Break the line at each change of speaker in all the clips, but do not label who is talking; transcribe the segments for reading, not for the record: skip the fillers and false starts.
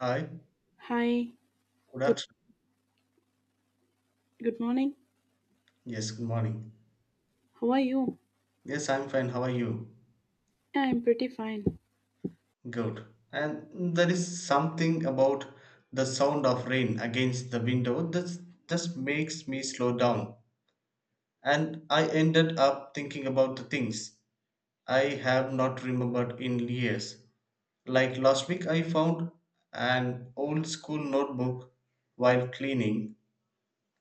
Hi,
Hi,
good
good
afternoon.
good morning.
Yes, good morning.
How are you?
Yes, I'm fine. How are you?
Yeah, I'm pretty fine.
Good. And there is something about the sound of rain against the window that just makes me slow down. And I ended up thinking about the things I have not remembered in years. Like last week, I found an old school notebook while cleaning,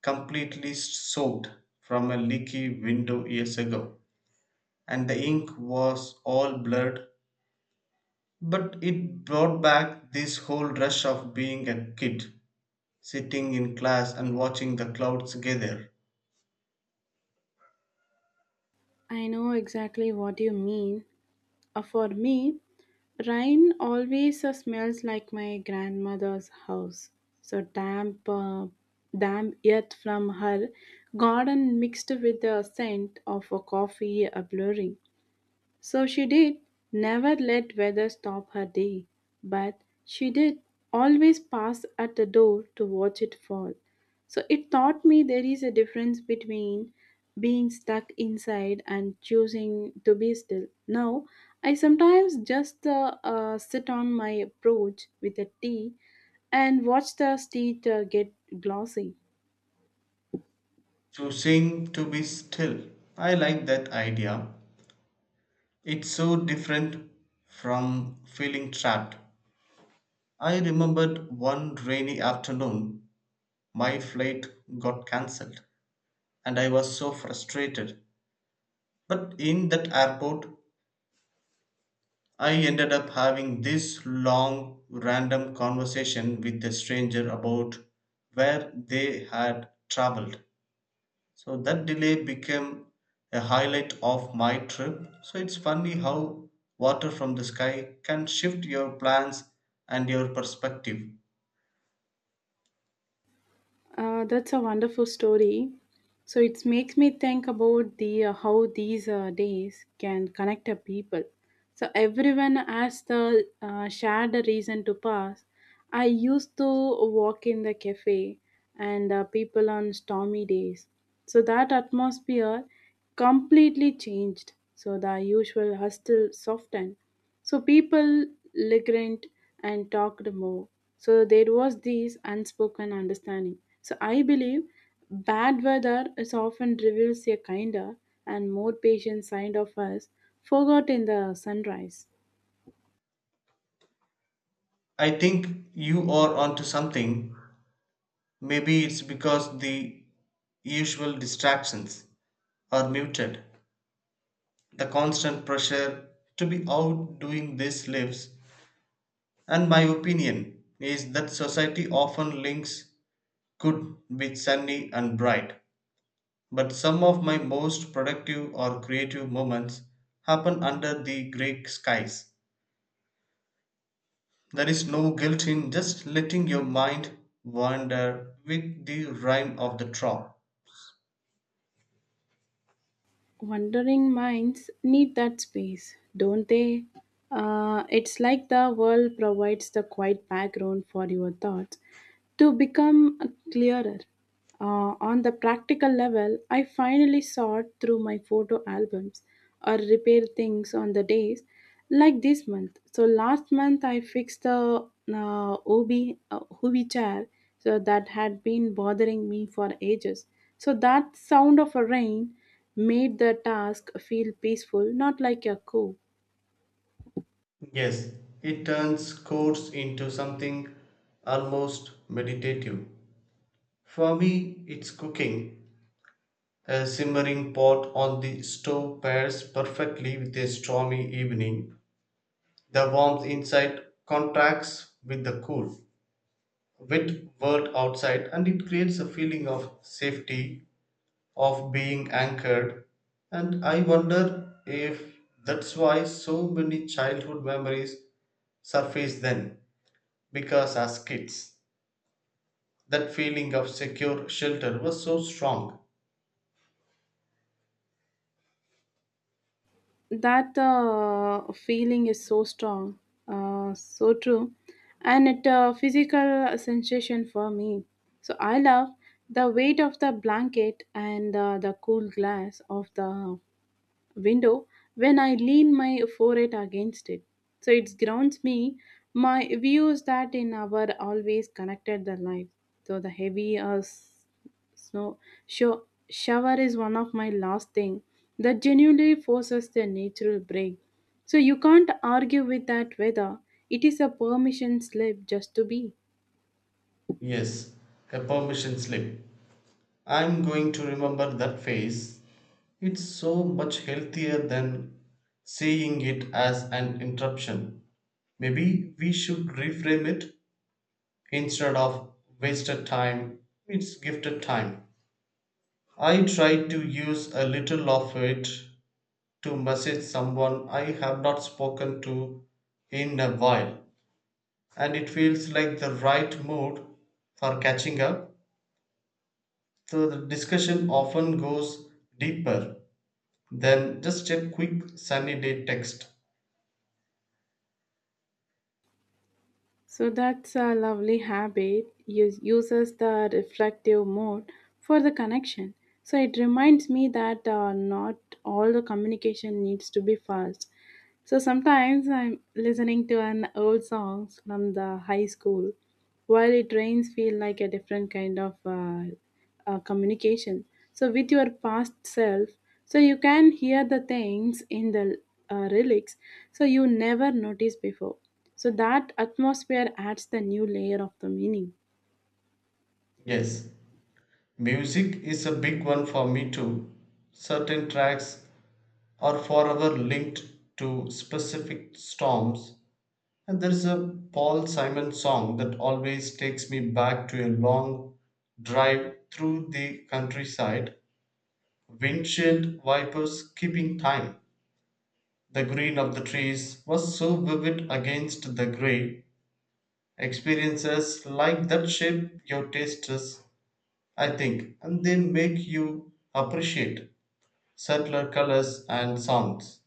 completely soaked from a leaky window years ago, and the ink was all blurred, but it brought back this whole rush of being a kid, sitting in class and watching the clouds gather,
I know exactly what you mean. For me, rain always smells like my grandmother's house. So damp earth from her garden mixed with the scent of a coffee blurring. So she did never let weather stop her day, but she did always pass at the door to watch it fall. So it taught me there is a difference between being stuck inside and choosing to be still. Now, I sometimes just sit on my porch with a tea and watch the street get glossy.
choosing to be still. I like that idea. It's so different from feeling trapped. I remembered one rainy afternoon, my flight got cancelled, and I was so frustrated. But in that airport, I ended up having this long random conversation with a stranger about where they had traveled. So that delay became a highlight of my trip. So it's funny how water from the sky can shift your plans and your perspective.
That's a wonderful story. So it makes me think about the how these days can connect a people. So everyone has the shared reason to pass. I used to walk in the cafe and people on stormy days. So that atmosphere completely changed. So the usual hustle softened, so people litigated and talked more. So there was this unspoken understanding. So I believe bad weather is often reveals a kinder and more patient side of us forgot in the sunrise.
I think you are onto something. Maybe it's because the usual distractions are muted. The constant pressure to be outdoing this lives, and my opinion is that society often links good with sunny and bright. But some of my most productive or creative moments happen under the grey skies. There is no guilt in just letting your mind wander with the rhyme of the traw.
Wandering minds need that space, don't they? It's like the world provides the quiet background for your thoughts to become clearer. On the practical level, I finally sort through my photo albums or repair things on the days like this month, so last month I fixed the OB Hubi chair so that had been bothering me for ages. So that sound of a rain made the task feel peaceful, not like a coup.
Yes, it turns chords into something almost meditative. For me, it's cooking. A simmering pot on the stove pairs perfectly with a stormy evening; the warmth inside contrasts with the cool, wet world outside, and it creates a feeling of safety, of being anchored. And I wonder if that's why so many childhood memories surface then, because as kids, that feeling of secure shelter was so strong.
That feeling is so strong, so true, and it a physical sensation for me. So I love the weight of the blanket and the cool glass of the window when I lean my forehead against it. So it grounds me. My views that in our always connected the life. So the heavy snow shower is one of my last thing that genuinely forces the natural break. So you can't argue with that weather. It is a permission slip just to be.
Yes, a permission slip, I'm going to remember that phase. It's so much healthier than seeing it as an interruption. Maybe we should reframe it. Instead of wasted time, it's gifted time. I try to use a little of it to message someone I have not spoken to in a while, and it feels like the right mood for catching up. So the discussion often goes deeper then just a quick sunny day text.
So that's a lovely habit. Uses the reflective mode for the connection. So it reminds me that not all the communication needs to be fast. So sometimes I'm listening to an old song from the high school while it rains feel like a different kind of communication, so with your past self, so you can hear the things in the lyrics so you never noticed before, so that atmosphere adds the new layer of the meaning.
Yes, music is a big one for me too. Certain tracks are forever linked to specific storms, and there is a Paul Simon song that always takes me back to a long drive through the countryside, windshield wipers keeping time. The green of the trees was so vivid against the grey. Experiences like that shape your tastes, I think, and they make you appreciate subtler colors and sounds.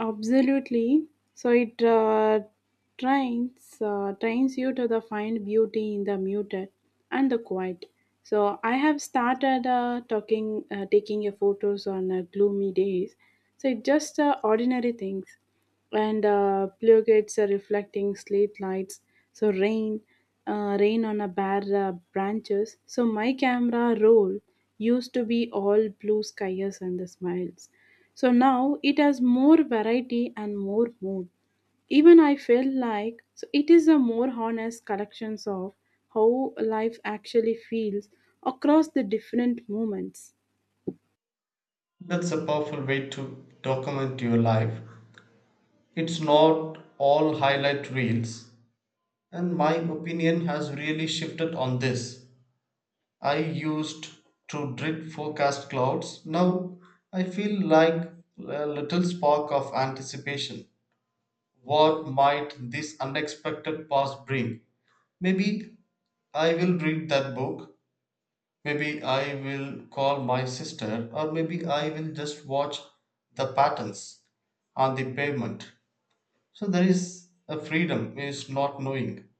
Absolutely. So it trains you to the find beauty in the muted and the quiet. So I have started taking a photos on gloomy days. So it's just ordinary things and pluggets are reflecting slate lights, so rain rain on a bare branches, so my camera roll used to be all blue skies and the smiles, so now it has more variety and more mood, even I feel like, so it is a more honest collections of how life actually feels across the different moments.
That's a powerful way to document your life. It's not all highlight reels, and my opinion has really shifted on this. I used to dread forecast clouds. Now I feel like a little spark of anticipation. What might this unexpected past bring? Maybe I will read that book. Maybe I will call my sister, or maybe I will just watch the patterns on the pavement. So there is a freedom is not knowing.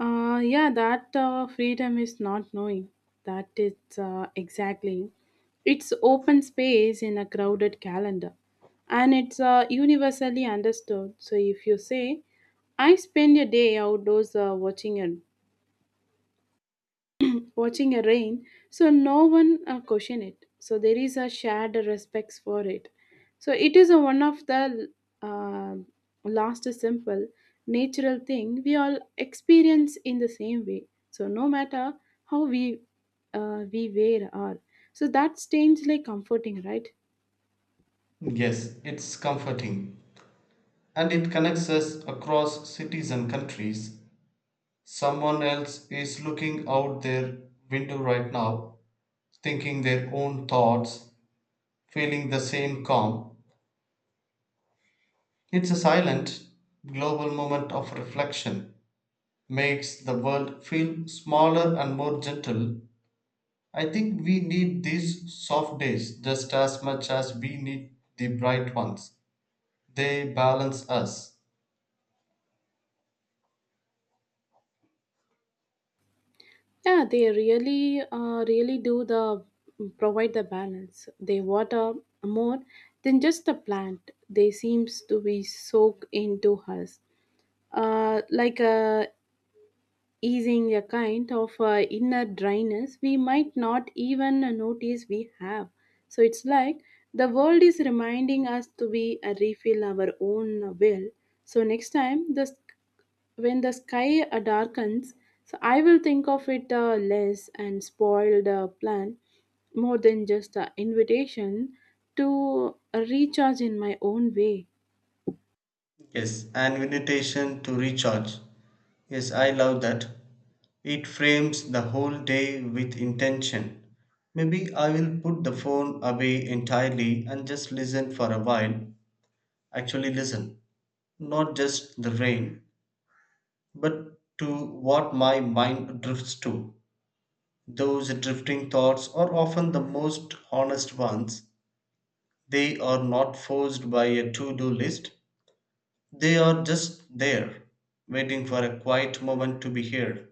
Yeah, that freedom is not knowing. That is exactly. It's open space in a crowded calendar, and it's universally understood. So if you say, "I spend a day outdoors watching a rain, so no one question it, so there is a shared respect for it, so it is a one of the uh, last simple natural thing we all experience in the same way, so no matter how we wear are, so that stains like comforting, right?
Yes, it's comforting. And it connects us across cities and countries. Someone else is looking out their window right now, thinking their own thoughts, feeling the same calm. It's a silent global moment of reflection, makes the world feel smaller and more gentle. I think we need these soft days just as much as we need the bright ones. They balance us.
Yeah, they really do the provide the balance. They water more than just the plant. They seems to be soaked into us, like a easing a kind of inner dryness we might not even notice we have. So it's like the world is reminding us to be refill our own will. So next time, when the sky darkens, so I will think of it less and spoiled plan more than just an invitation to recharge in my own way.
Yes, an invitation to recharge. Yes, I love that. It frames the whole day with intention. Maybe I will put the phone away entirely and just listen for a while. Actually, listen, not just the rain, but to what my mind drifts to. Those drifting thoughts are often the most honest ones. They are not forced by a to do list, they are just there, waiting for a quiet moment to be heard.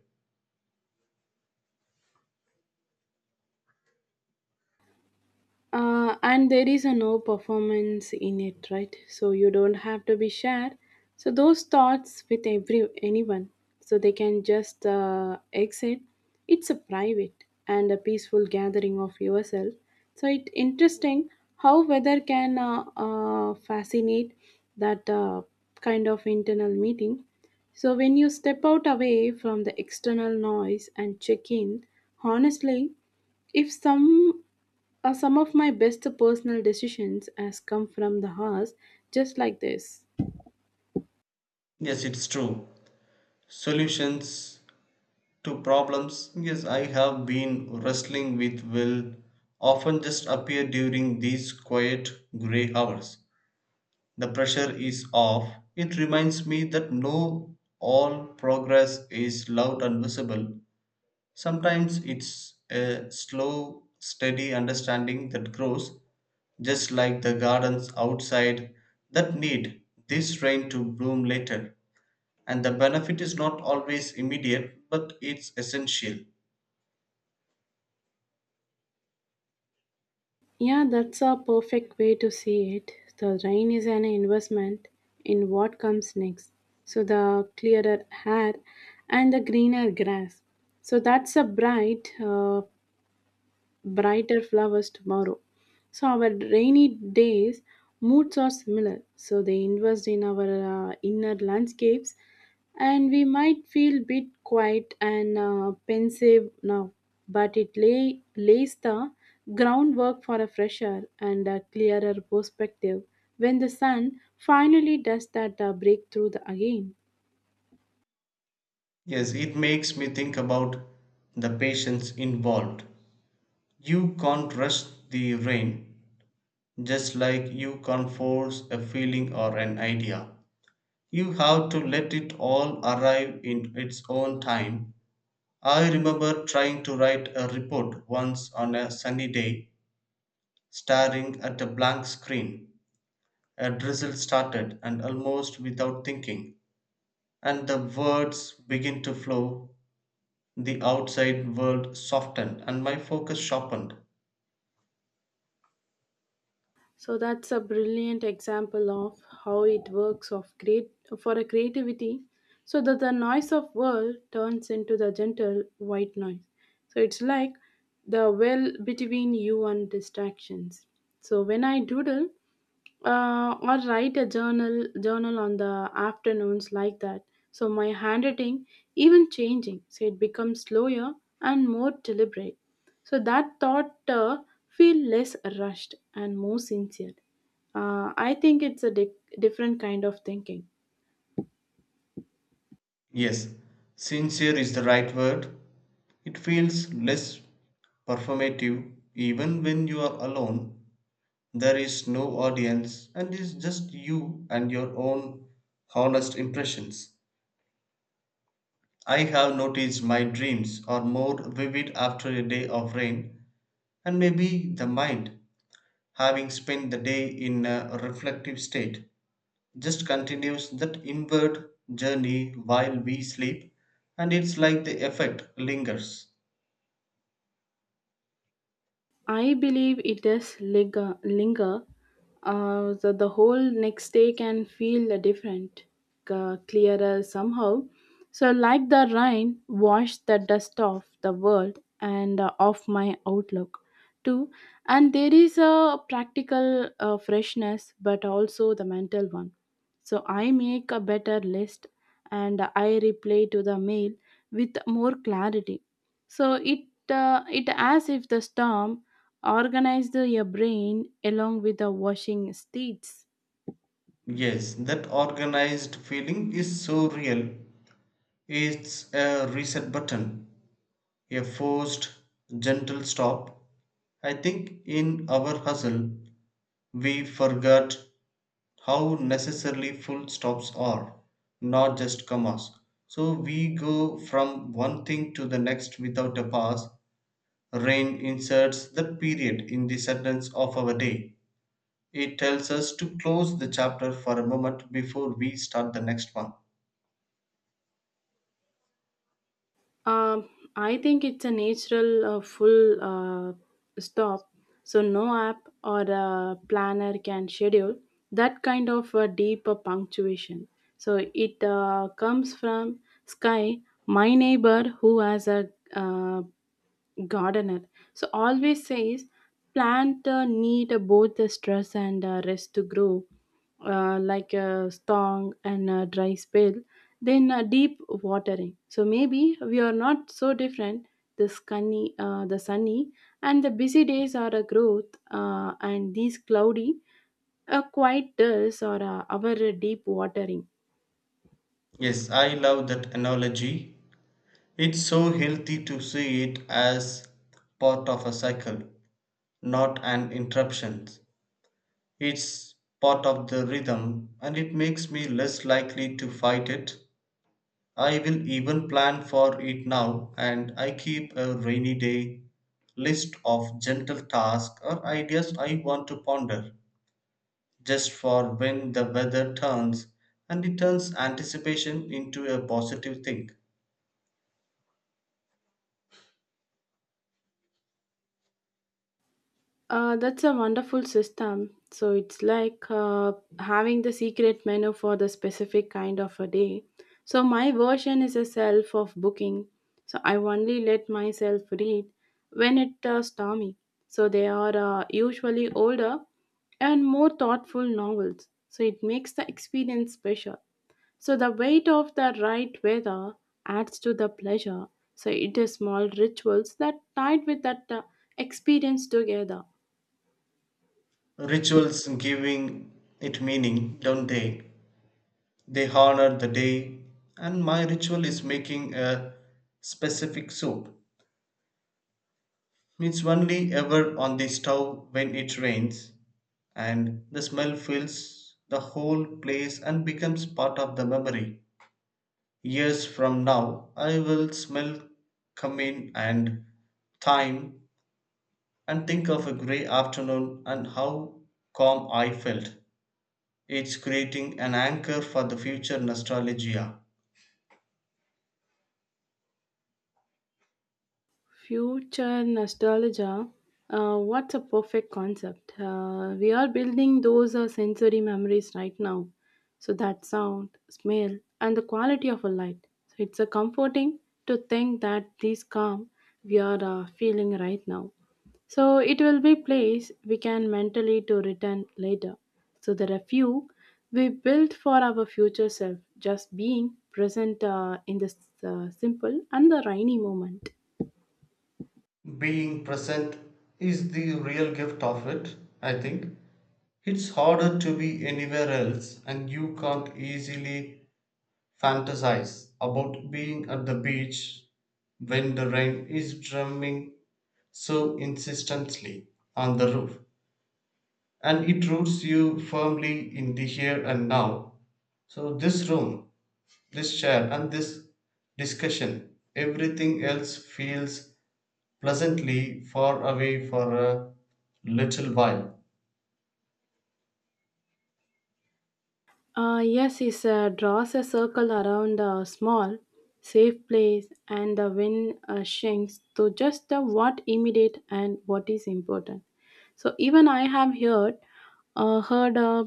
And there is a no performance in it, right? So you don't have to be shared. So those thoughts with every anyone, so they can just exit. It's a private and a peaceful gathering of yourself. So it interesting how weather can fascinate that kind of internal meeting. So when you step out away from the external noise and check in, honestly, if some of my best personal decisions has come from the house, just like this.
Yes, it's true. Solutions to problems, yes, I have been wrestling with, will often just appear during these quiet grey hours. The pressure is off. It reminds me that no all progress is loud and visible. Sometimes it's a slow, steady understanding that grows, just like the gardens outside that need this rain to bloom later. And the benefit is not always immediate, but it's essential.
Yeah, that's a perfect way to see it. The rain is an investment in what comes next. So the clearer air and the greener grass. So that's a brighter flowers tomorrow. So our rainy days moods are similar. So they invest in our inner landscapes, and we might feel bit quiet and pensive now, but it lays the groundwork for a fresher and a clearer perspective when the sun finally does that breakthrough again.
Yes, it makes me think about the patience involved. You can't rush the rain, just like you can't force a feeling or an idea. You have to let it all arrive in its own time. I remember trying to write a report once on a sunny day, staring at a blank screen. A drizzle started, and almost without thinking, and the words began to flow. The outside world softened, and my focus sharpened.
So that's a brilliant example of how it works of great for a creativity, so that the noise of world turns into the gentle white noise. So it's like the well between you and distractions. So when I doodle, or write a journal on the afternoons like that, so my handwriting even changing, so it becomes slower and more deliberate, so that thought feel less rushed and more sincere. I think it's a different kind of thinking.
Yes, sincere is the right word. It feels less performative even when you are alone. There is no audience and it's just you and your own honest impressions. I have noticed my dreams are more vivid after a day of rain, and maybe the mind having spent the day in a reflective state just continues that inward journey while we sleep, and it's like the effect lingers.
I believe it does linger. The whole next day can feel different, clearer somehow. So, like the rain, wash the dust off the world and off my outlook too. And there is a practical freshness, but also the mental one. So, I make a better list and I reply to the mail with more clarity, so it as if the storm organized your brain along with the washing states.
Yes, that organized feeling is so real. It's a reset button, a forced, gentle stop. I think in our hustle, we forgot how necessarily full stops are, not just commas. So we go from one thing to the next without a pause. Rain inserts the period in the sentence of our day. It tells us to close the chapter for a moment before we start the next one.
Um, I think it's a natural full stop. So no app or a planner can schedule that kind of a deeper punctuation. So it comes from sky. My neighbor who has a gardener. So always says plant need both the stress and rest to grow, like a strong and a dry spell. Then deep watering. So maybe we are not so different. The sunny, and the busy days are a growth, and these cloudy, a quiet days or our deep watering.
Yes, I love that analogy. It's so healthy to see it as part of a cycle, not an interruption. It's part of the rhythm and it makes me less likely to fight it. I will even plan for it now, and I keep a rainy day list of gentle tasks or ideas I want to ponder just for when the weather turns, and it turns anticipation into a positive thing.
That's a wonderful system. So it's like having the secret menu for the specific kind of a day. So my version is a self of booking. So I only let myself read when it stormy. So they are usually older and more thoughtful novels. So it makes the experience special. So the weight of the right weather adds to the pleasure. So it is small rituals that tied with that experience together.
Rituals giving it meaning, don't they? They honor the day, and my ritual is making a specific soup. It's only ever on the stove when it rains, and the smell fills the whole place and becomes part of the memory. Years from now, I will smell cumin and thyme and think of a grey afternoon and how calm I felt. It's creating an anchor for the future nostalgia.
Future nostalgia. What's a perfect concept? We are building those sensory memories right now. So that sound, smell, and the quality of a light. So it's a comforting to think that this calm we are feeling right now. So it will be place we can mentally to return later. So there are few we built for our future self. Just being present in this simple and the rainy moment.
Being present is the real gift of it, I think. It's harder to be anywhere else, and you can't easily fantasize about being at the beach when the rain is drumming so insistently on the roof. And it roots you firmly in the here and now. So, this room, this chair, and this discussion, everything else feels pleasantly far away for a little while.
Yes, he draws a circle around a small, safe place, and the wind shrinks to just the what immediate and what is important. So even I have heard, heard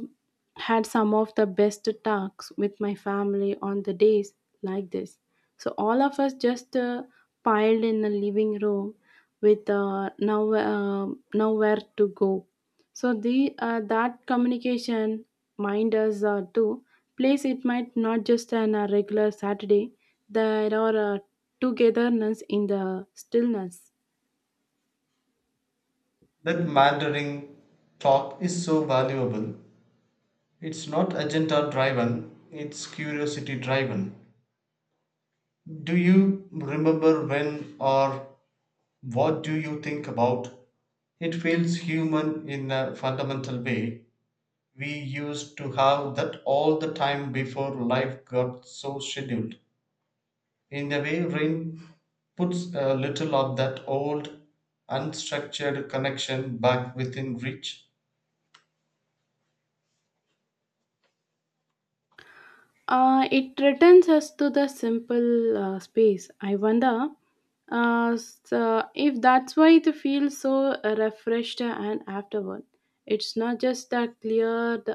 had some of the best talks with my family on the days like this. So all of us just piled in the living room with nowhere to go. So the that communication mind us to place it might not just an a regular Saturday. There are togetherness in the stillness.
That Mandarin talk is so valuable. It's not agenda driven, it's curiosity driven. Do you remember when, or what do you think about? It feels human in a fundamental way. We used to have that all the time before life got so scheduled. In a way, rain puts a little of that old, unstructured connection back within reach.
It returns us to the simple space. I wonder so if that's why it feels so refreshed and afterward. It's not just the cleared,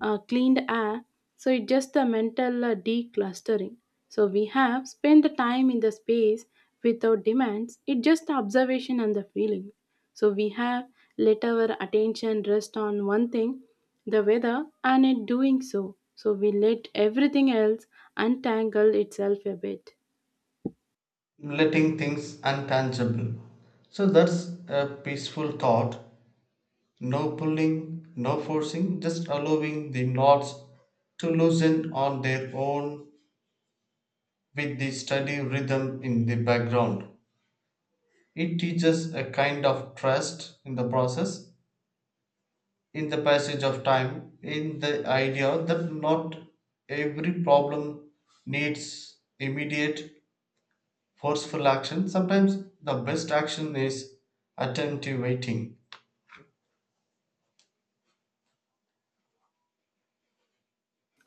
uh, cleaned air, so it's just the mental declustering. So we have spent the time in the space without demands, it's just the observation and the feeling, so we have let our attention rest on one thing, the weather, and it doing so, so we let everything else untangle itself a bit.
Letting things untangible. So that's a peaceful thought. No pulling, no forcing, just allowing the knots to loosen on their own with the steady rhythm in the background. It teaches a kind of trust in the process, in the passage of time, in the idea that not every problem needs immediate, forceful action. Sometimes the best action is attentive waiting.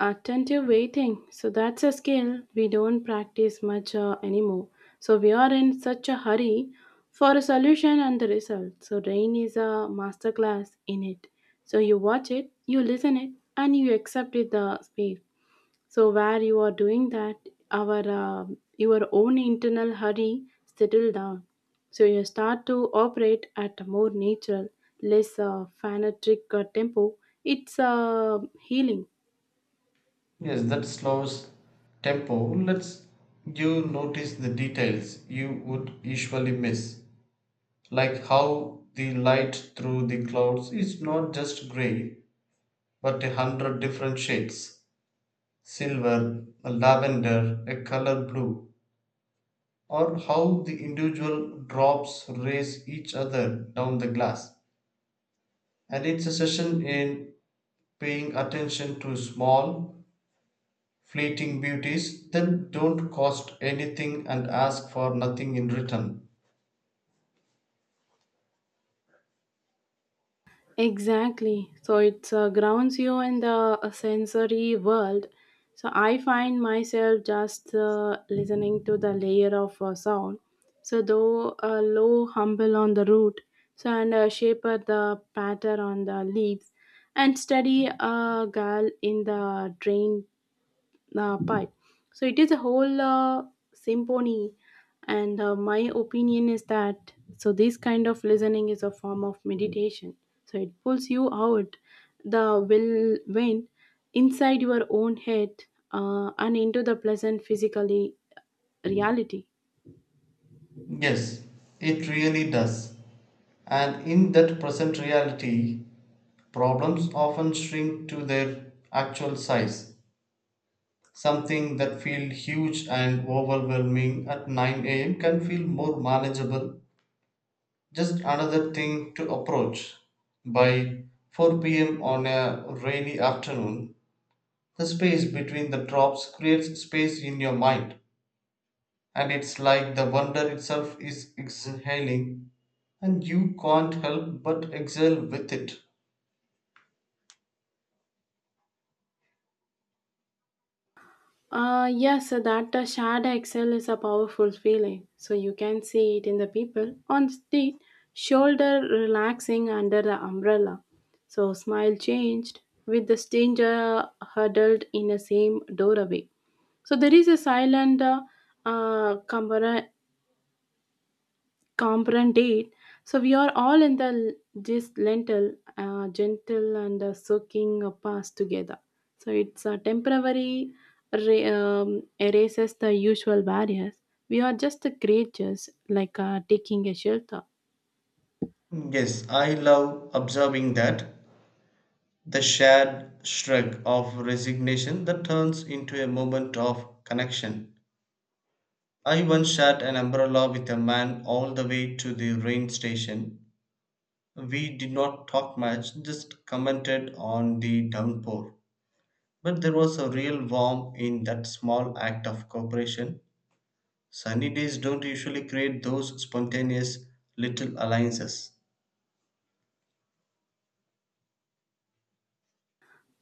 Attentive waiting, so that's a skill we don't practice much anymore, so we are in such a hurry for a solution and the result, so rain is a masterclass in it, so you watch it, you listen it, and you accept it the speed. So where you are doing that, our your own internal hurry settle down. So you start to operate at a more natural, less fanatic tempo. It's healing.
Yes, that slows tempo lets you notice the details you would usually miss, like how the light through the clouds is not just gray but a hundred different shades, silver, a lavender, a color blue, or how the individual drops race each other down the glass. And it's a session in paying attention to small fleeting beauties that don't cost anything and ask for nothing in return.
Exactly. So it grounds you in the sensory world. So I find myself just listening to the layer of sound. So though low humble on the root, so and shaper the patter on the leaves, and steady a gal in the drain part. So it is a whole symphony, and my opinion is that, so this kind of listening is a form of meditation. So it pulls you out the will wind inside your own head, and into the pleasant physically reality.
Yes, it really does. And in that present reality, problems often shrink to their actual size. Something that feels huge and overwhelming at 9 a.m. can feel more manageable, just another thing to approach by 4 p.m. on a rainy afternoon. The space between the drops creates space in your mind, and it's like the wonder itself is exhaling, and you can't help but exhale with it.
Yes, so that shared excel is a powerful feeling. So you can see it in the people on street, shoulder relaxing under the umbrella. So smile changed with the stranger huddled in the same doorway. So there is a silent camaraderie component eight. So we are all in the this gentle and soaking past together. So it's a temporary erases the usual barriers. We are just the creatures like taking a shelter.
Yes, I love observing that, the shared shrug of resignation that turns into a moment of connection. I once shared an umbrella with a man all the way to the rain station. We did not talk much, just commented on the downpour. But there was a real warmth in that small act of cooperation. Sunny days don't usually create those spontaneous little alliances.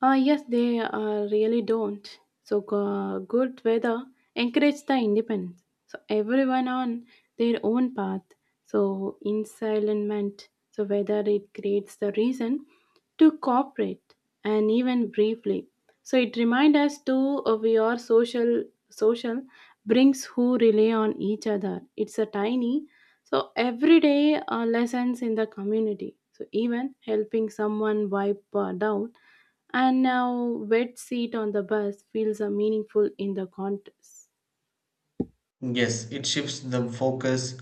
Yes, they really don't. So good weather encourages the independence. So everyone on their own path. So ensilence. So whether it creates the reason to cooperate and even briefly. So it reminds us to we are social brings who rely on each other. It's a tiny, so everyday lessons in the community. So even helping someone wipe down and now, wet seat on the bus feels a meaningful in the contest.
Yes, it shifts the focus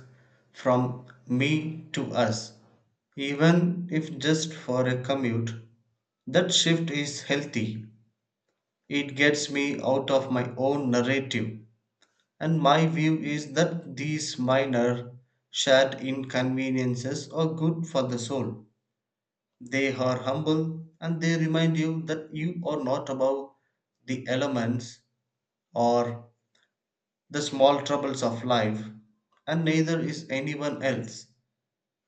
from me to us, even if just for a commute. That shift is healthy. It gets me out of my own narrative. And my view is that these minor shared inconveniences are good for the soul. They are humble and they remind you that you are not above the elements or the small troubles of life, and neither is anyone else.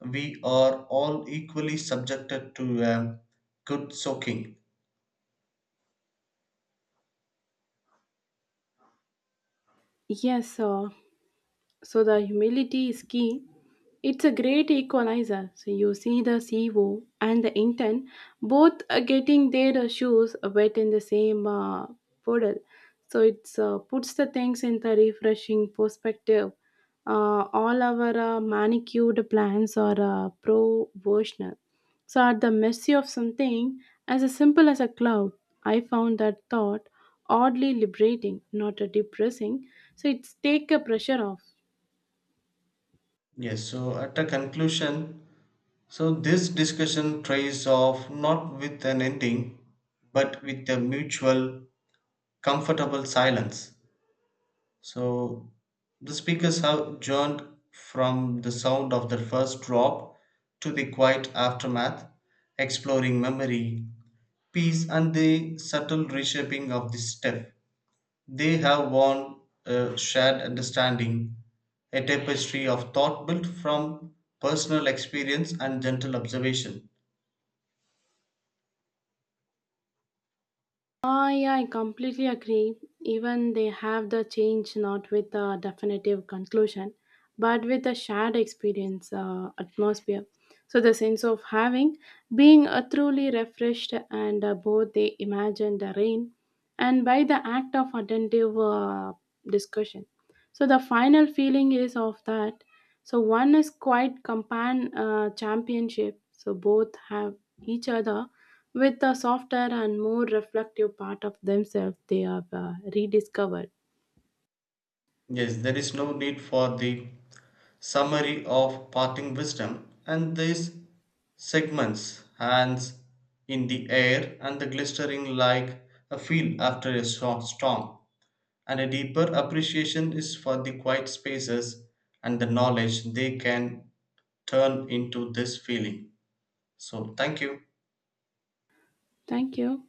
We are all equally subjected to a good soaking.
Yes, sir. So the humility is key. It's a great equalizer. So you see the CEO and the intern both are getting their shoes wet in the same puddle. So it puts the things in the refreshing perspective. All our manicured plans are provisional. So at the mercy of something as a simple as a cloud, I found that thought oddly liberating, not depressing. So it's take a pressure off.
Yes, so at a conclusion, so this discussion trays off not with an ending, but with a mutual comfortable silence. So the speakers have journeyed from the sound of the first drop to the quiet aftermath, exploring memory, peace, and the subtle reshaping of the step. They have worn a shared understanding, a tapestry of thought built from personal experience and gentle observation.
Ah, yeah, I completely agree. Even they have the change not with a definitive conclusion, but with a shared experience atmosphere. So the sense of having being truly refreshed and both they imagine the rain and by the act of attentive discussion. So the final feeling is of that. So one is quite compan championship. So both have each other with the softer and more reflective part of themselves they have rediscovered.
Yes, there is no need for the summary of parting wisdom, and these segments hands in the air and the glistering like a field after a short storm. And a deeper appreciation is for the quiet spaces and the knowledge they can turn into this feeling. So, thank you.
Thank you.